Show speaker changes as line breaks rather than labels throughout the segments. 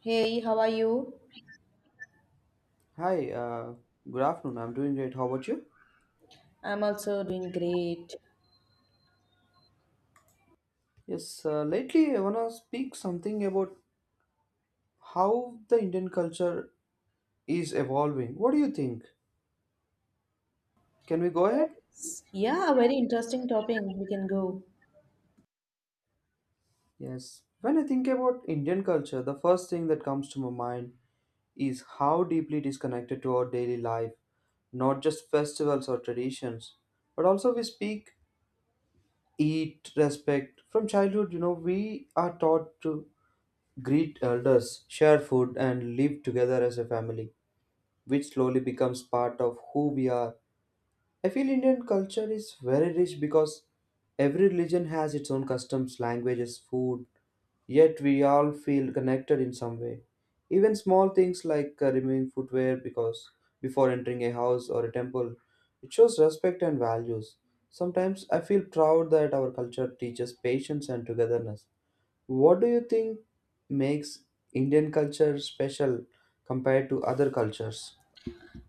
Hey, how are you?
Hi, good afternoon. I'm doing great. How about you?
I'm also doing great.
Yes, lately I want to speak something about how the Indian culture is evolving. What do you think? Can we go ahead?
Yeah, a very interesting topic. We can go.
Yes. When I think about Indian culture, the first thing that comes to my mind is how deeply it is connected to our daily life, not just festivals or traditions, but also we speak, eat, respect. From childhood, you know, we are taught to greet elders, share food, and live together as a family, which slowly becomes part of who we are. I feel Indian culture is very rich because every religion has its own customs, languages, food, yet we all feel connected in some way. Even small things like removing footwear because before entering a house or a temple, it shows respect and values. Sometimes I feel proud that our culture teaches patience and togetherness. What do you think makes Indian culture special compared to other cultures?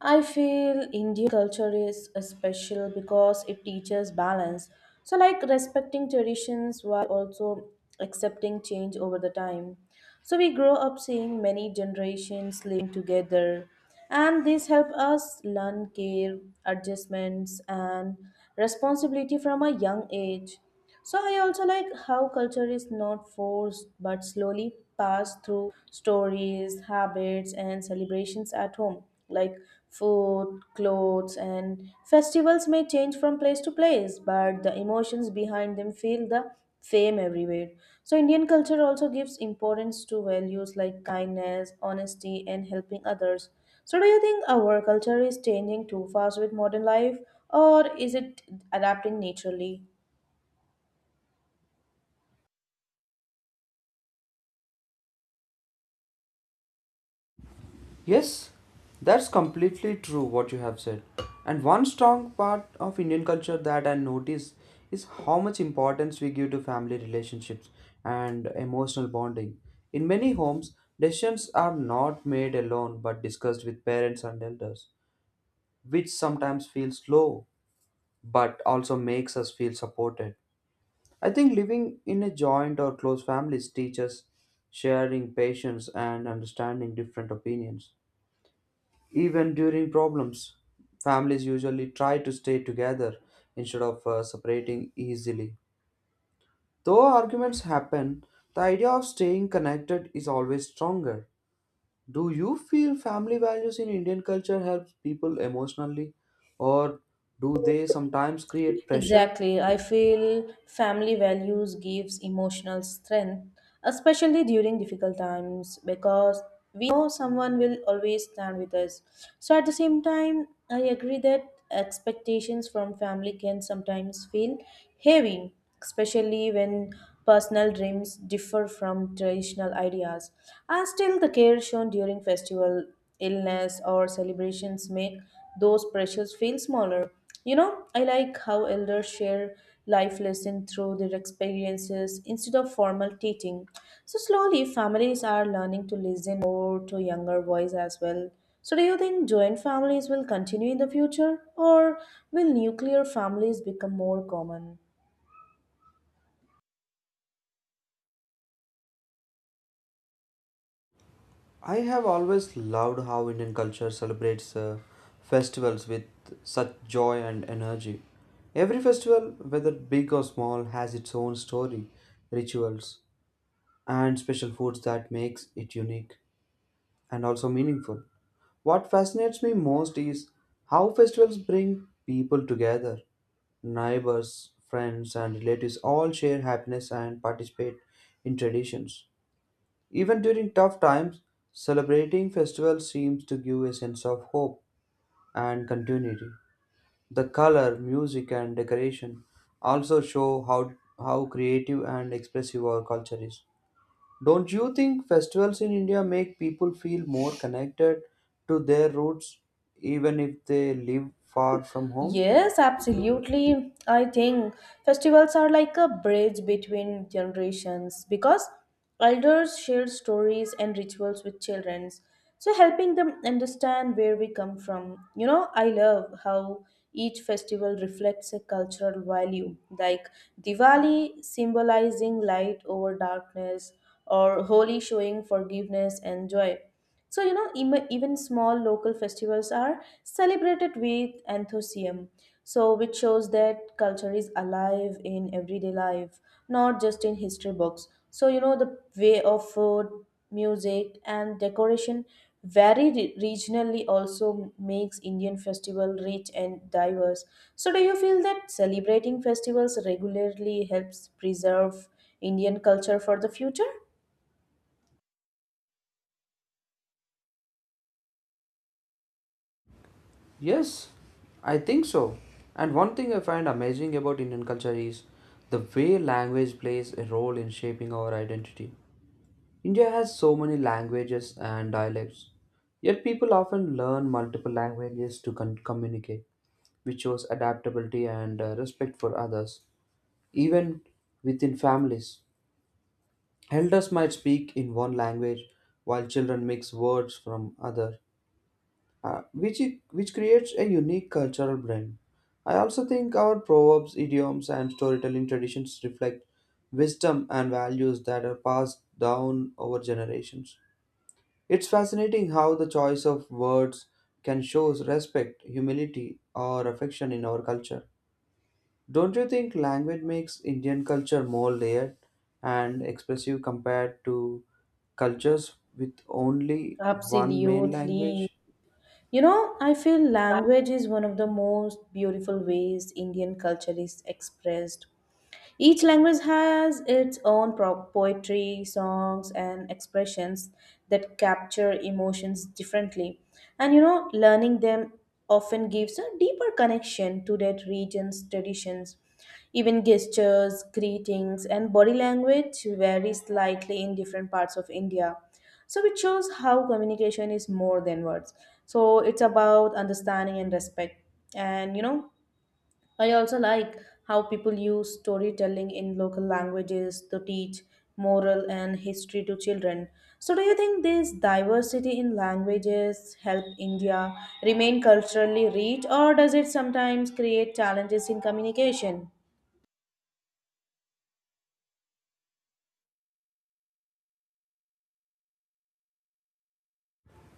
I feel Indian culture is special because it teaches balance. So, like respecting traditions while also accepting change over the time. So, we grow up seeing many generations living together, and this help us learn care, adjustments, and responsibility from a young age. So I also like how culture is not forced but slowly passed through stories, habits, and celebrations at home. Like food, clothes, and festivals may change from place to place, but the emotions behind them feel the same everywhere. So Indian culture also gives importance to values like kindness, honesty, and helping others. So do you think our culture is changing too fast with modern life, or is it adapting naturally?
Yes, that's completely true what you have said. And one strong part of Indian culture that I notice is how much importance we give to family relationships and emotional bonding. In many homes, decisions are not made alone but discussed with parents and elders, which sometimes feels slow but also makes us feel supported. I think living in a joint or close families teaches sharing patience and understanding different opinions. Even during problems, families usually try to stay together instead of separating easily. Though arguments happen, the idea of staying connected is always stronger. Do you feel family values in Indian culture help people emotionally, or do they sometimes create pressure?
Exactly. I feel family values gives emotional strength, especially during difficult times, because we know someone will always stand with us. So at the same time, I agree that expectations from family can sometimes feel heavy, especially when personal dreams differ from traditional ideas. And still the care shown during festival illness or celebrations make those pressures feel smaller. You know, I like how elders share life lessons through their experiences instead of formal teaching. So slowly, families are learning to listen more to younger voice as well. So do you think joint families will continue in the future, or will nuclear families become more common?
I have always loved how Indian culture celebrates festivals with such joy and energy. Every festival, whether big or small, has its own story, rituals, and special foods that makes it unique and also meaningful. What fascinates me most is how festivals bring people together. Neighbors, friends, and relatives all share happiness and participate in traditions. Even during tough times, celebrating festivals seems to give a sense of hope and continuity. The color, music, and decoration also show how creative and expressive our culture is. Don't you think festivals in India make people feel more connected to their roots even if they live far from home?
Yes, absolutely. I think festivals are like a bridge between generations because elders share stories and rituals with children, so helping them understand where we come from. You know, I love how each festival reflects a cultural value, like Diwali symbolizing light over darkness, or Holi showing forgiveness and joy. So, you know, even small local festivals are celebrated with enthusiasm. So, which shows that culture is alive in everyday life, not just in history books. So, you know, the way of food, music, and decoration vary regionally also makes Indian festival rich and diverse. So, do you feel that celebrating festivals regularly helps preserve Indian culture for the future?
Yes, I think so. And one thing I find amazing about Indian culture is the way language plays a role in shaping our identity. India has so many languages and dialects, yet people often learn multiple languages to communicate, which shows adaptability and respect for others. Even within families, elders might speak in one language while children mix words from other, which creates a unique cultural blend. I also think our proverbs, idioms, and storytelling traditions reflect wisdom and values that are passed down over generations. It's fascinating how the choice of words can show respect, humility, or affection in our culture. Don't you think language makes Indian culture more layered and expressive compared to cultures with only one main
Absolutely.
language?
You know, I feel language is one of the most beautiful ways Indian culture is expressed. Each language has its own poetry, songs, and expressions that capture emotions differently. And you know, learning them often gives a deeper connection to that region's traditions. Even gestures, greetings, and body language vary slightly in different parts of India. So it shows how communication is more than words. So it's about understanding and respect. And you know, I also like how people use storytelling in local languages to teach moral and history to children. So, do you think this diversity in languages help India remain culturally rich, or does it sometimes create challenges in communication?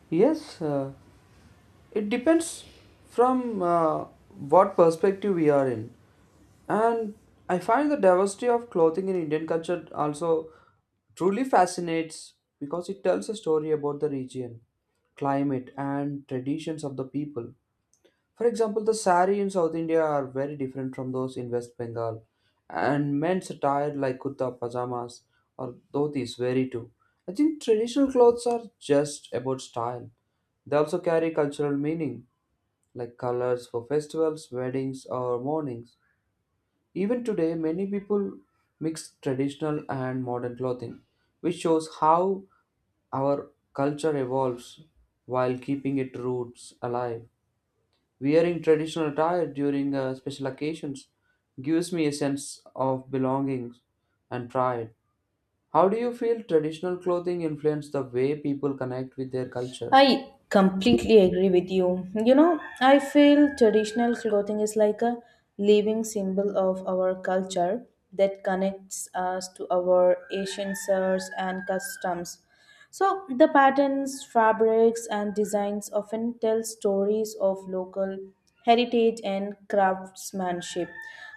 Yes, it depends from what perspective we are in. And I find the diversity of clothing in Indian culture also truly fascinates because it tells a story about the region, climate, and traditions of the people. For example, the sari in South India are very different from those in West Bengal, and men's attire like kurta, pajamas, or dhotis vary too. I think traditional clothes are just about style. They also carry cultural meaning, like colors for festivals, weddings, or mournings. Even today, many people mix traditional and modern clothing, which shows how our culture evolves while keeping its roots alive. Wearing traditional attire during special occasions gives me a sense of belonging and pride. How do you feel traditional clothing influence the way people connect with their culture?
I completely agree with you. You know, I feel traditional clothing is like a living symbol of our culture that connects us to our ancients and customs. So the patterns, fabrics and designs often tell stories of local heritage and craftsmanship.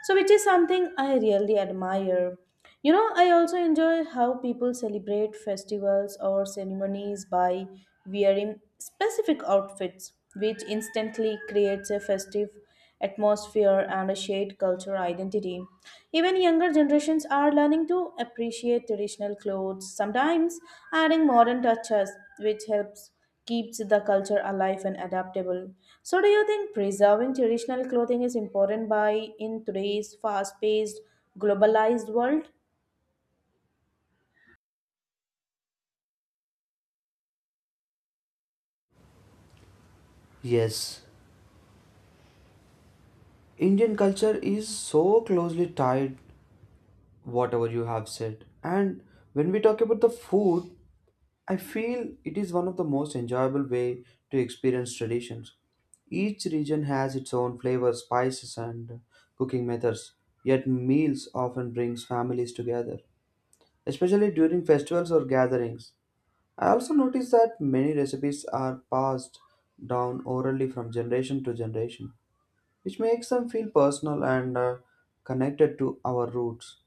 So which is something I really admire. You know, I also enjoy how people celebrate festivals or ceremonies by wearing specific outfits, which instantly creates a festive atmosphere and a shared cultural identity. Even younger generations are learning to appreciate traditional clothes, sometimes adding modern touches, which helps keeps the culture alive and adaptable. So do you think preserving traditional clothing is important by in today's fast-paced globalized world?
Yes, Indian culture is so closely tied whatever you have said. And when we talk about the food, I feel it is one of the most enjoyable way to experience traditions. Each region has its own flavors, spices, and cooking methods. Yet meals often brings families together, especially during festivals or gatherings. I also notice that many recipes are passed down orally from generation to generation, which makes them feel personal and connected to our roots.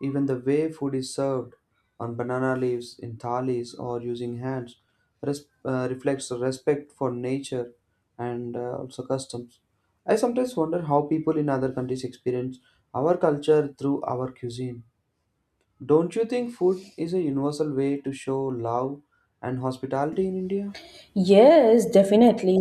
Even the way food is served on banana leaves, in thalis, or using hands reflects a respect for nature and also customs. I sometimes wonder how people in other countries experience our culture through our cuisine. Don't you think food is a universal way to show love and hospitality in India?
Yes, definitely.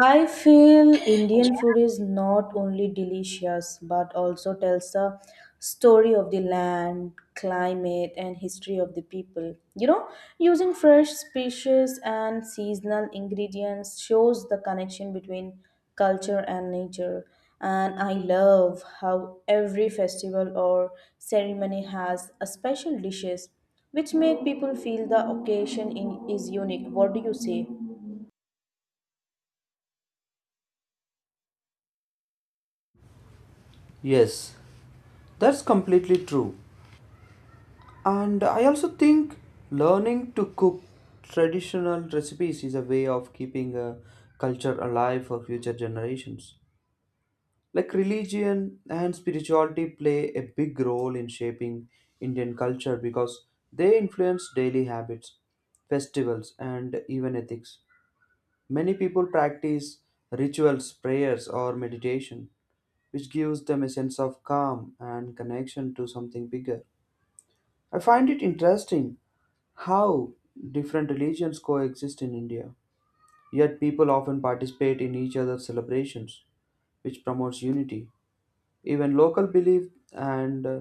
I feel Indian food is not only delicious but also tells the story of the land, climate, and history of the people. You know, using fresh species and seasonal ingredients shows the connection between culture and nature. And I love how every festival or ceremony has a special dishes which make people feel the occasion in, is unique. What do you say?
Yes, that's completely true. And I also think learning to cook traditional recipes is a way of keeping a culture alive for future generations. Like religion and spirituality play a big role in shaping Indian culture because they influence daily habits, festivals, and even ethics. Many people practice rituals, prayers, or meditation, which gives them a sense of calm and connection to something bigger. I find it interesting how different religions coexist in India, yet people often participate in each other's celebrations, which promotes unity. Even local belief and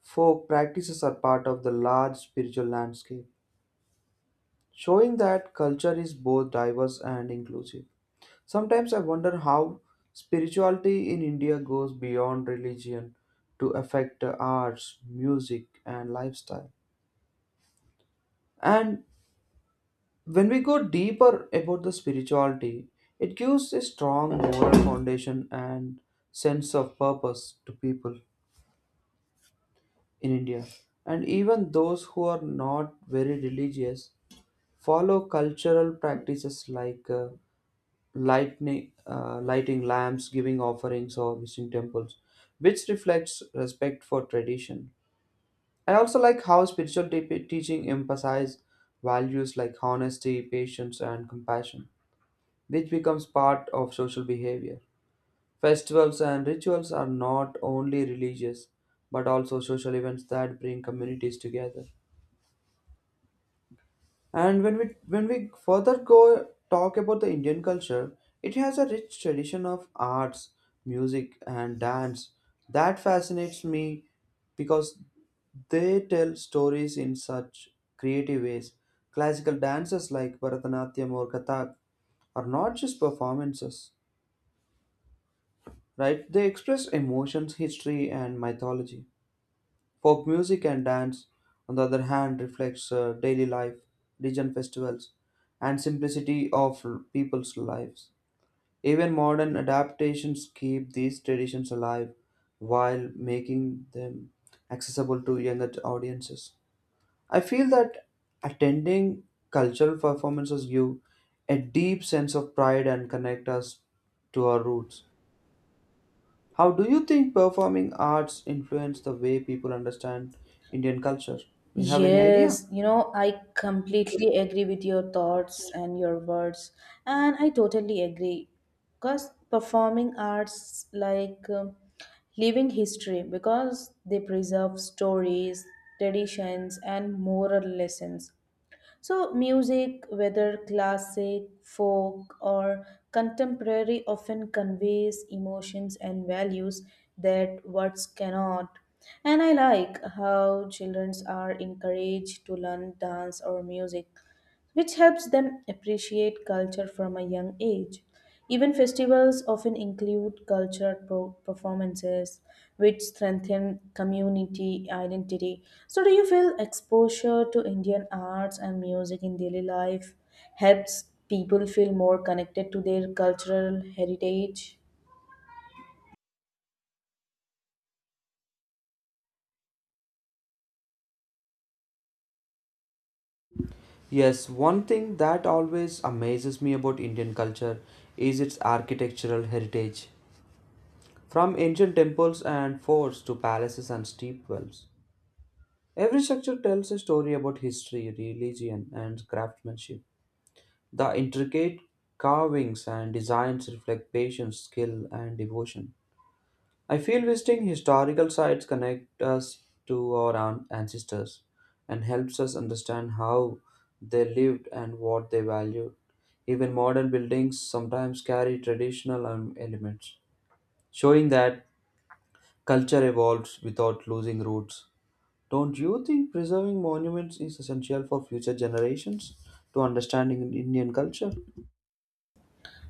folk practices are part of the large spiritual landscape, showing that culture is both diverse and inclusive. Sometimes I wonder how spirituality in India goes beyond religion to affect arts, music, and lifestyle. And when we go deeper about the spirituality, it gives a strong moral foundation and sense of purpose to people in India. And even those who are not very religious follow cultural practices like lighting lamps, giving offerings, or visiting temples, which reflects respect for tradition. I also like how spiritual teaching emphasise values like honesty, patience, and compassion, which becomes part of social behavior. Festivals and rituals are not only religious but also social events that bring communities together. And when we further go talk about the Indian culture, it has a rich tradition of arts, music and dance that fascinates me because they tell stories in such creative ways. Classical dances like Bharatanatyam or Kathak are not just performances, right? They express emotions, history, and mythology. Folk music and dance, on the other hand, reflects daily life, religion festivals, and simplicity of people's lives. Even modern adaptations keep these traditions alive while making them accessible to younger audiences. I feel that attending cultural performances give a deep sense of pride and connect us to our roots. How do you think performing arts influence the way people understand Indian culture? Do you have any idea?
Yes, you know, I completely agree with your thoughts and your words, and I totally agree because performing arts like living history because they preserve stories, traditions, and moral lessons. So, music, whether classic, folk, or contemporary, often conveys emotions and values that words cannot. And I like how children are encouraged to learn dance or music, which helps them appreciate culture from a young age. Even festivals often include cultural performances, which strengthen community identity. So, do you feel exposure to Indian arts and music in daily life helps people feel more connected to their cultural heritage?
Yes, one thing that always amazes me about Indian culture is its architectural heritage. From ancient temples and forts to palaces and steep wells, every structure tells a story about history, religion, and craftsmanship. The intricate carvings and designs reflect patience, skill, and devotion. I feel visiting historical sites connect us to our ancestors and helps us understand how they lived and what they valued. Even modern buildings sometimes carry traditional elements, showing that culture evolves without losing roots. Don't you think preserving monuments is essential for future generations to understanding Indian culture?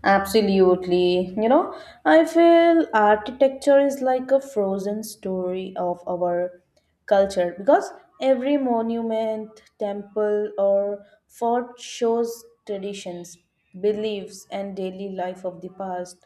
Absolutely. You know, I feel architecture is like a frozen story of our culture because every monument, temple, or fort shows traditions, beliefs, and daily life of the past.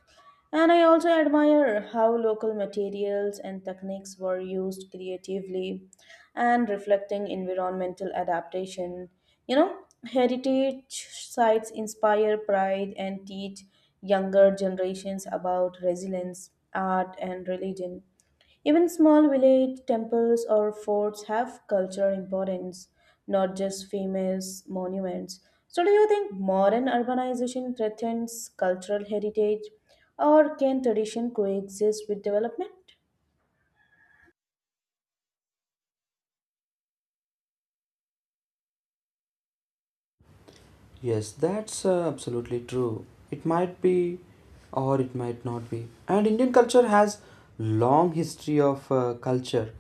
And I also admire how local materials and techniques were used creatively and reflecting environmental adaptation. You know, heritage sites inspire pride and teach younger generations about resilience, art, and religion. Even small village temples or forts have cultural importance, not just famous monuments. So, do you think modern urbanization threatens cultural heritage or can tradition coexist with development?
Yes, that's absolutely true. It might be or it might not be. And Indian culture has long history of culture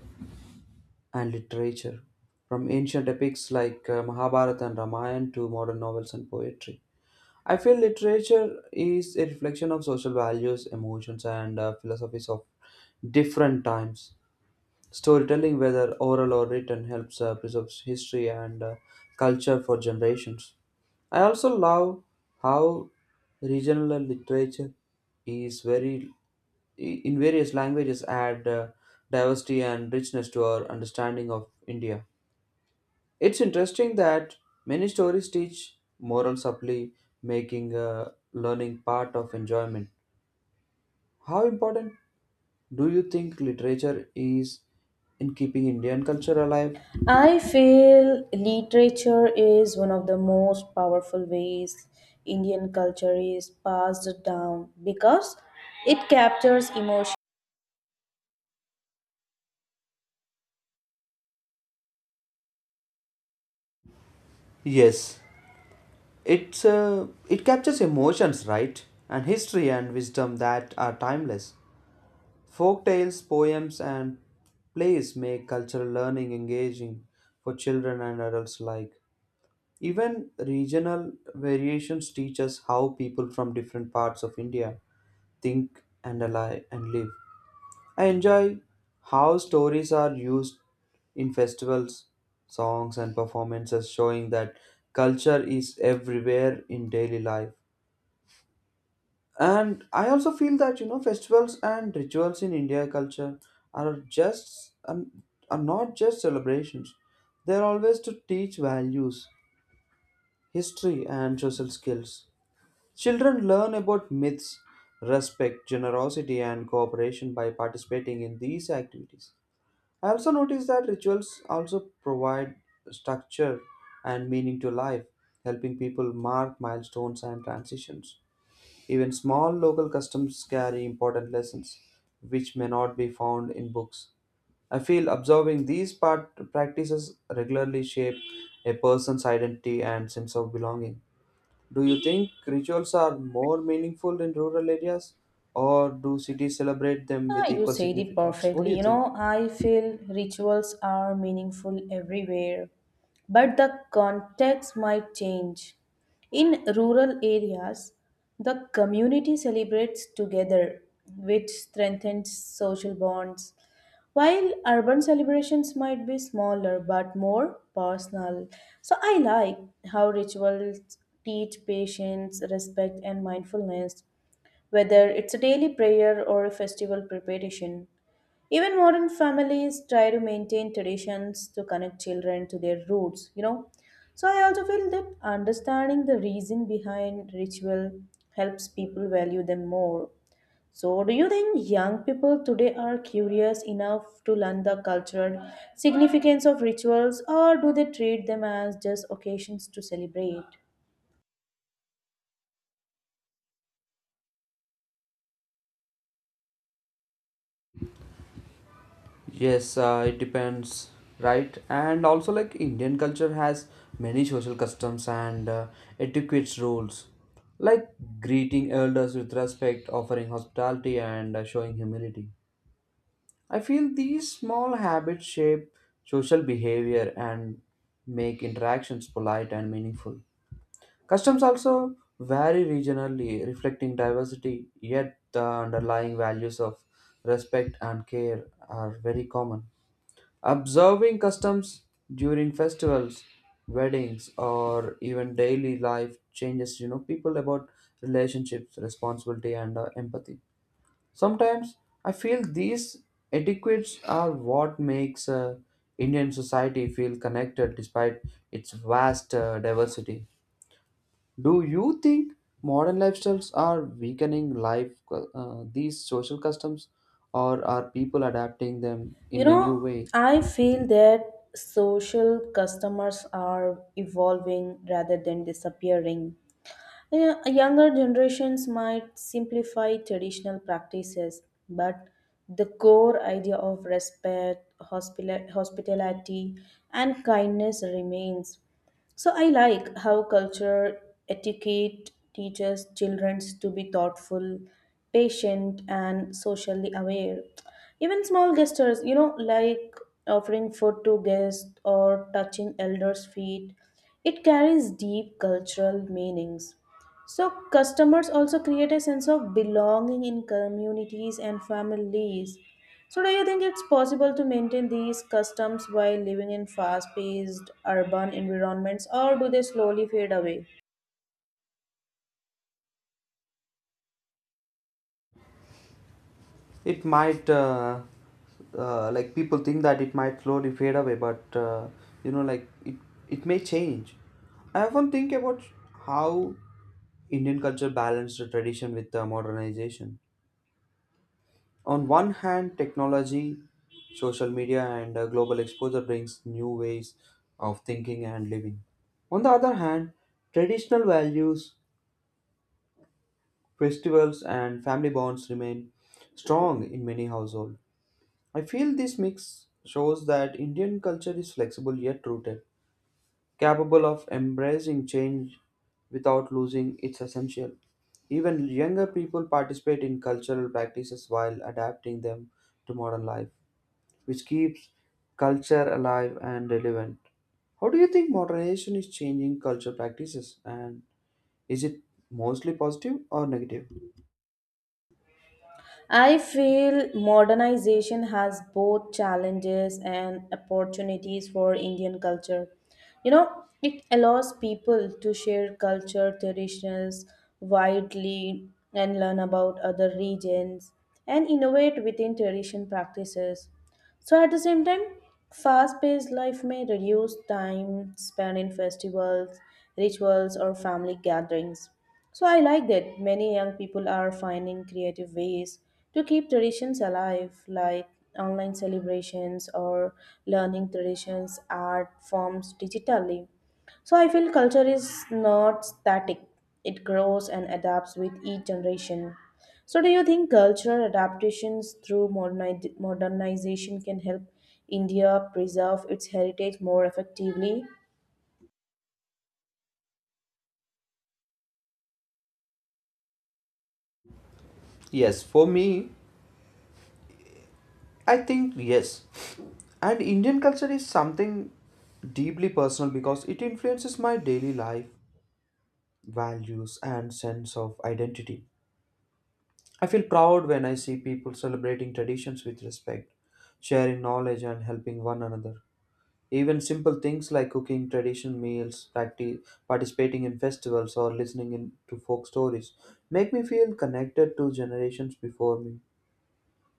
and literature from ancient epics like Mahabharata and Ramayana to modern novels and poetry. I feel literature is a reflection of social values, emotions and philosophies of different times. Storytelling whether oral or written helps preserve history and culture for generations. I also love how regional literature is very in various languages add diversity and richness to our understanding of India. It's interesting that many stories teach moral supply, making learning part of enjoyment. How important do you think literature is in keeping Indian culture alive?
I feel literature is one of the most powerful ways Indian culture is passed down because it captures emotions.
Yes, it captures emotions, right, and history and wisdom that are timeless. Folk tales, poems, and plays make cultural learning engaging for children and adults alike. Even regional variations teach us how people from different parts of India think and ally and live. I enjoy how stories are used in festivals, songs, and performances, showing that culture is everywhere in daily life. And I also feel that, you know, festivals and rituals in India culture are just are not just celebrations, they're always to teach values, history and social skills. Children learn about myths, respect, generosity and cooperation by participating in these activities. I also noticed that rituals also provide structure and meaning to life, helping people mark milestones and transitions. Even small local customs carry important lessons, which may not be found in books. I feel observing these part practices regularly shape a person's identity and sense of belonging. Do you think rituals are more meaningful in rural areas, or do cities celebrate them with
Ah, you
equal
said it
significance? What do
perfectly.
you
You
think?
know, I feel rituals are meaningful everywhere, but the context might change. In rural areas, the community celebrates together, which strengthens social bonds, while urban celebrations might be smaller but more personal. So I like how rituals teach patience, respect, and mindfulness whether it's a daily prayer or a festival preparation. Even modern families try to maintain traditions to connect children to their roots, you know. So I also feel that understanding the reason behind ritual helps people value them more. So do you think young people today are curious enough to learn the cultural significance of rituals or do they treat them as just occasions to celebrate?
Yes, it depends, right? And also, like Indian culture has many social customs and etiquette rules, like greeting elders with respect, offering hospitality, and showing humility. I feel these small habits shape social behavior and make interactions polite and meaningful. Customs also vary regionally, reflecting diversity, yet the underlying values of respect and care are very common. Observing customs during festivals, weddings, or even daily life changes, people about relationships, responsibility, and empathy. Sometimes I feel these etiquettes are what makes Indian society feel connected despite its vast diversity. Do you think modern lifestyles are weakening life these social customs, or are people adapting them
You
in a new
know,
way?
I feel that social customers are evolving rather than disappearing. Yeah, younger generations might simplify traditional practices, but the core idea of respect, hospitality, and kindness remains. So I like how culture etiquette teaches children to be thoughtful, patient, and socially aware. Even small gestures, you know, like offering food to guests or touching elders' feet, it carries deep cultural meanings. So, customers also create a sense of belonging in communities and families. So, do you think it's possible to maintain these customs while living in fast paced urban environments, or do they slowly fade away?
It might like people think that it might slowly fade away but you know like it may change. I often think about how Indian culture balanced the tradition with the modernization. On one hand, technology, social media, and global exposure brings new ways of thinking and living. On the other hand, traditional values, festivals, and family bonds remain strong in many households. I feel this mix shows that Indian culture is flexible yet rooted, capable of embracing change without losing its essential. Even younger people participate in cultural practices while adapting them to modern life, which keeps culture alive and relevant. How do you think modernization is changing culture practices, and is it mostly positive or negative?
I feel modernization has both challenges and opportunities for Indian culture. You know, it allows people to share culture traditions widely and learn about other regions and innovate within tradition practices. So at the same time, fast-paced life may reduce time spent in festivals, rituals, or family gatherings. So I like that many young people are finding creative ways to keep traditions alive, like online celebrations or learning traditions art forms digitally. So I feel culture is not static, it grows and adapts with each generation. So, do you think cultural adaptations through modernization can help India preserve its heritage more effectively?
Yes, for me, I think yes. And Indian culture is something deeply personal because it influences my daily life, values, and sense of identity. I feel proud when I see people celebrating traditions with respect, sharing knowledge, and helping one another. Even simple things like cooking traditional meals, participating in festivals, or listening in to folk stories make me feel connected to generations before me.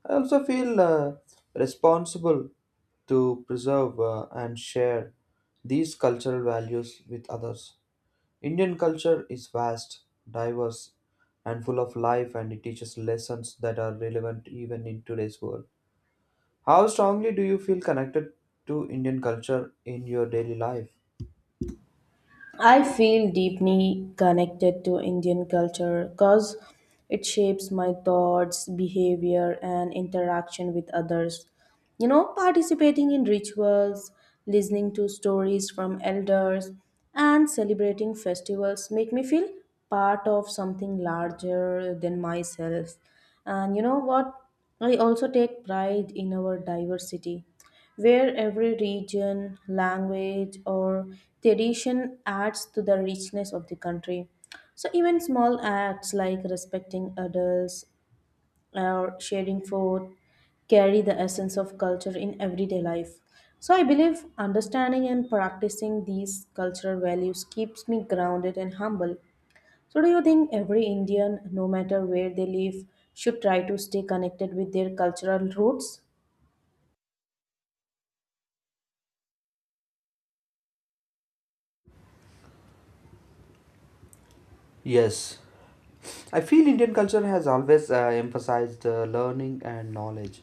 I also feel responsible to preserve and share these cultural values with others. Indian culture is vast, diverse, and full of life, and it teaches lessons that are relevant even in today's world. How strongly do you feel connected to Indian culture in your daily life?
I feel deeply connected to Indian culture because it shapes my thoughts, behavior, and interaction with others. You know, participating in rituals, listening to stories from elders, and celebrating festivals make me feel part of something larger than myself. And you know what? I also take pride in our diversity where every region, language, or tradition adds to the richness of the country. So, even small acts like respecting adults or sharing food carry the essence of culture in everyday life. So, I believe understanding and practicing these cultural values keeps me grounded and humble. So, do you think every Indian, no matter where they live, should try to stay connected with their cultural roots?
Yes, I feel Indian culture has always emphasized learning and knowledge.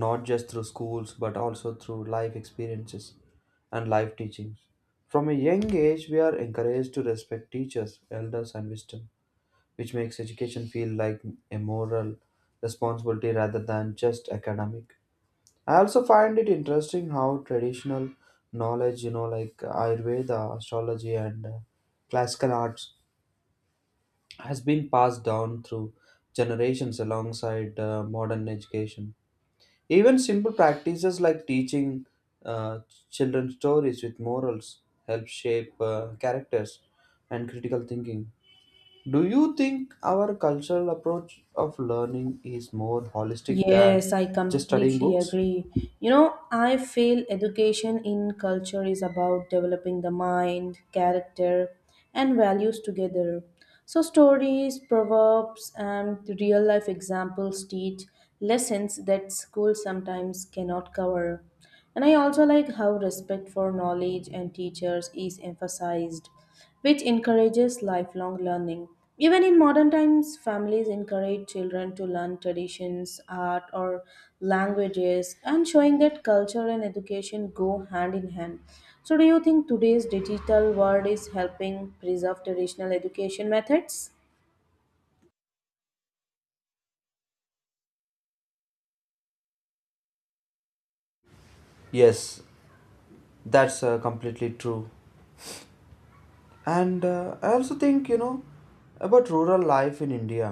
Not just through schools but also through life experiences and life teachings. From a young age, we are encouraged to respect teachers, elders, and wisdom, which makes education feel like a moral responsibility rather than just academic. I also find it interesting how traditional knowledge, you know, like Ayurveda, astrology, and classical arts, has been passed down through generations alongside modern education. Even simple practices like teaching uh, children stories with morals help shape characters and critical thinking. Do you think our cultural approach of learning is more holistic than
Yes, I
just studying
completely
books?
agree. You know, I feel education in culture is about developing the mind, character, and values together. So, stories, proverbs, and real life examples teach lessons that school sometimes cannot cover. And I also like how respect for knowledge and teachers is emphasized which encourages lifelong learning. Even in modern times, families encourage children to learn traditions, art, or languages, and showing that culture and education go hand in hand. So, do you think today's digital world is helping preserve traditional education methods?
Yes, that's completely true. And I also think, you know, about rural life in India,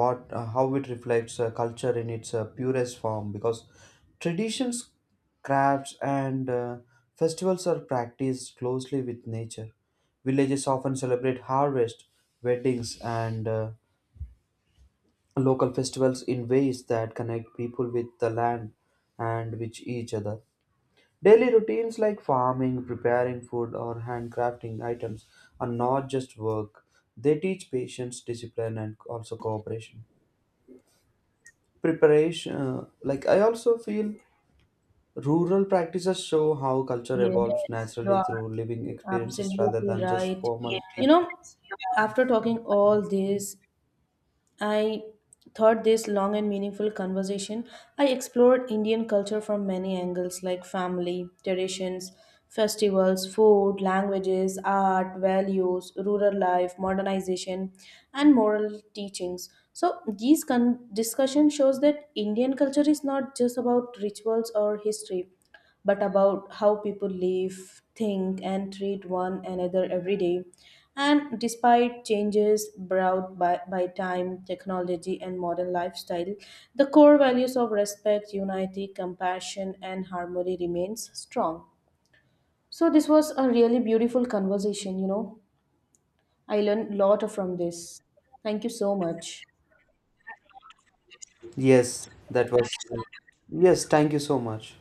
what how it reflects culture in its purest form, because traditions, crafts, and festivals are practiced closely with nature. Villages often celebrate harvest, weddings, and local festivals in ways that connect people with the land and with each other. Daily routines like farming, preparing food, or handcrafting items are not just work. They teach patience, discipline, and also cooperation. Preparation, like I also feel rural practices show how culture evolves
Yes, you
naturally
are
through living experiences rather
absolutely
than just
right.
formal.
You know, after talking all this, I thought this long and meaningful conversation. I explored Indian culture from many angles like family, traditions, festivals, food, languages, art, values, rural life, modernization, and moral teachings. So these discussion shows that Indian culture is not just about rituals or history but about how people live, think, and treat one another every day. And despite changes brought by, time, technology, and modern lifestyle, the core values of respect, unity, compassion, and harmony remains strong. So this was a really beautiful conversation, you know. I learned a lot from this. Thank you so much.
Yes, that was. Yes, thank you so much.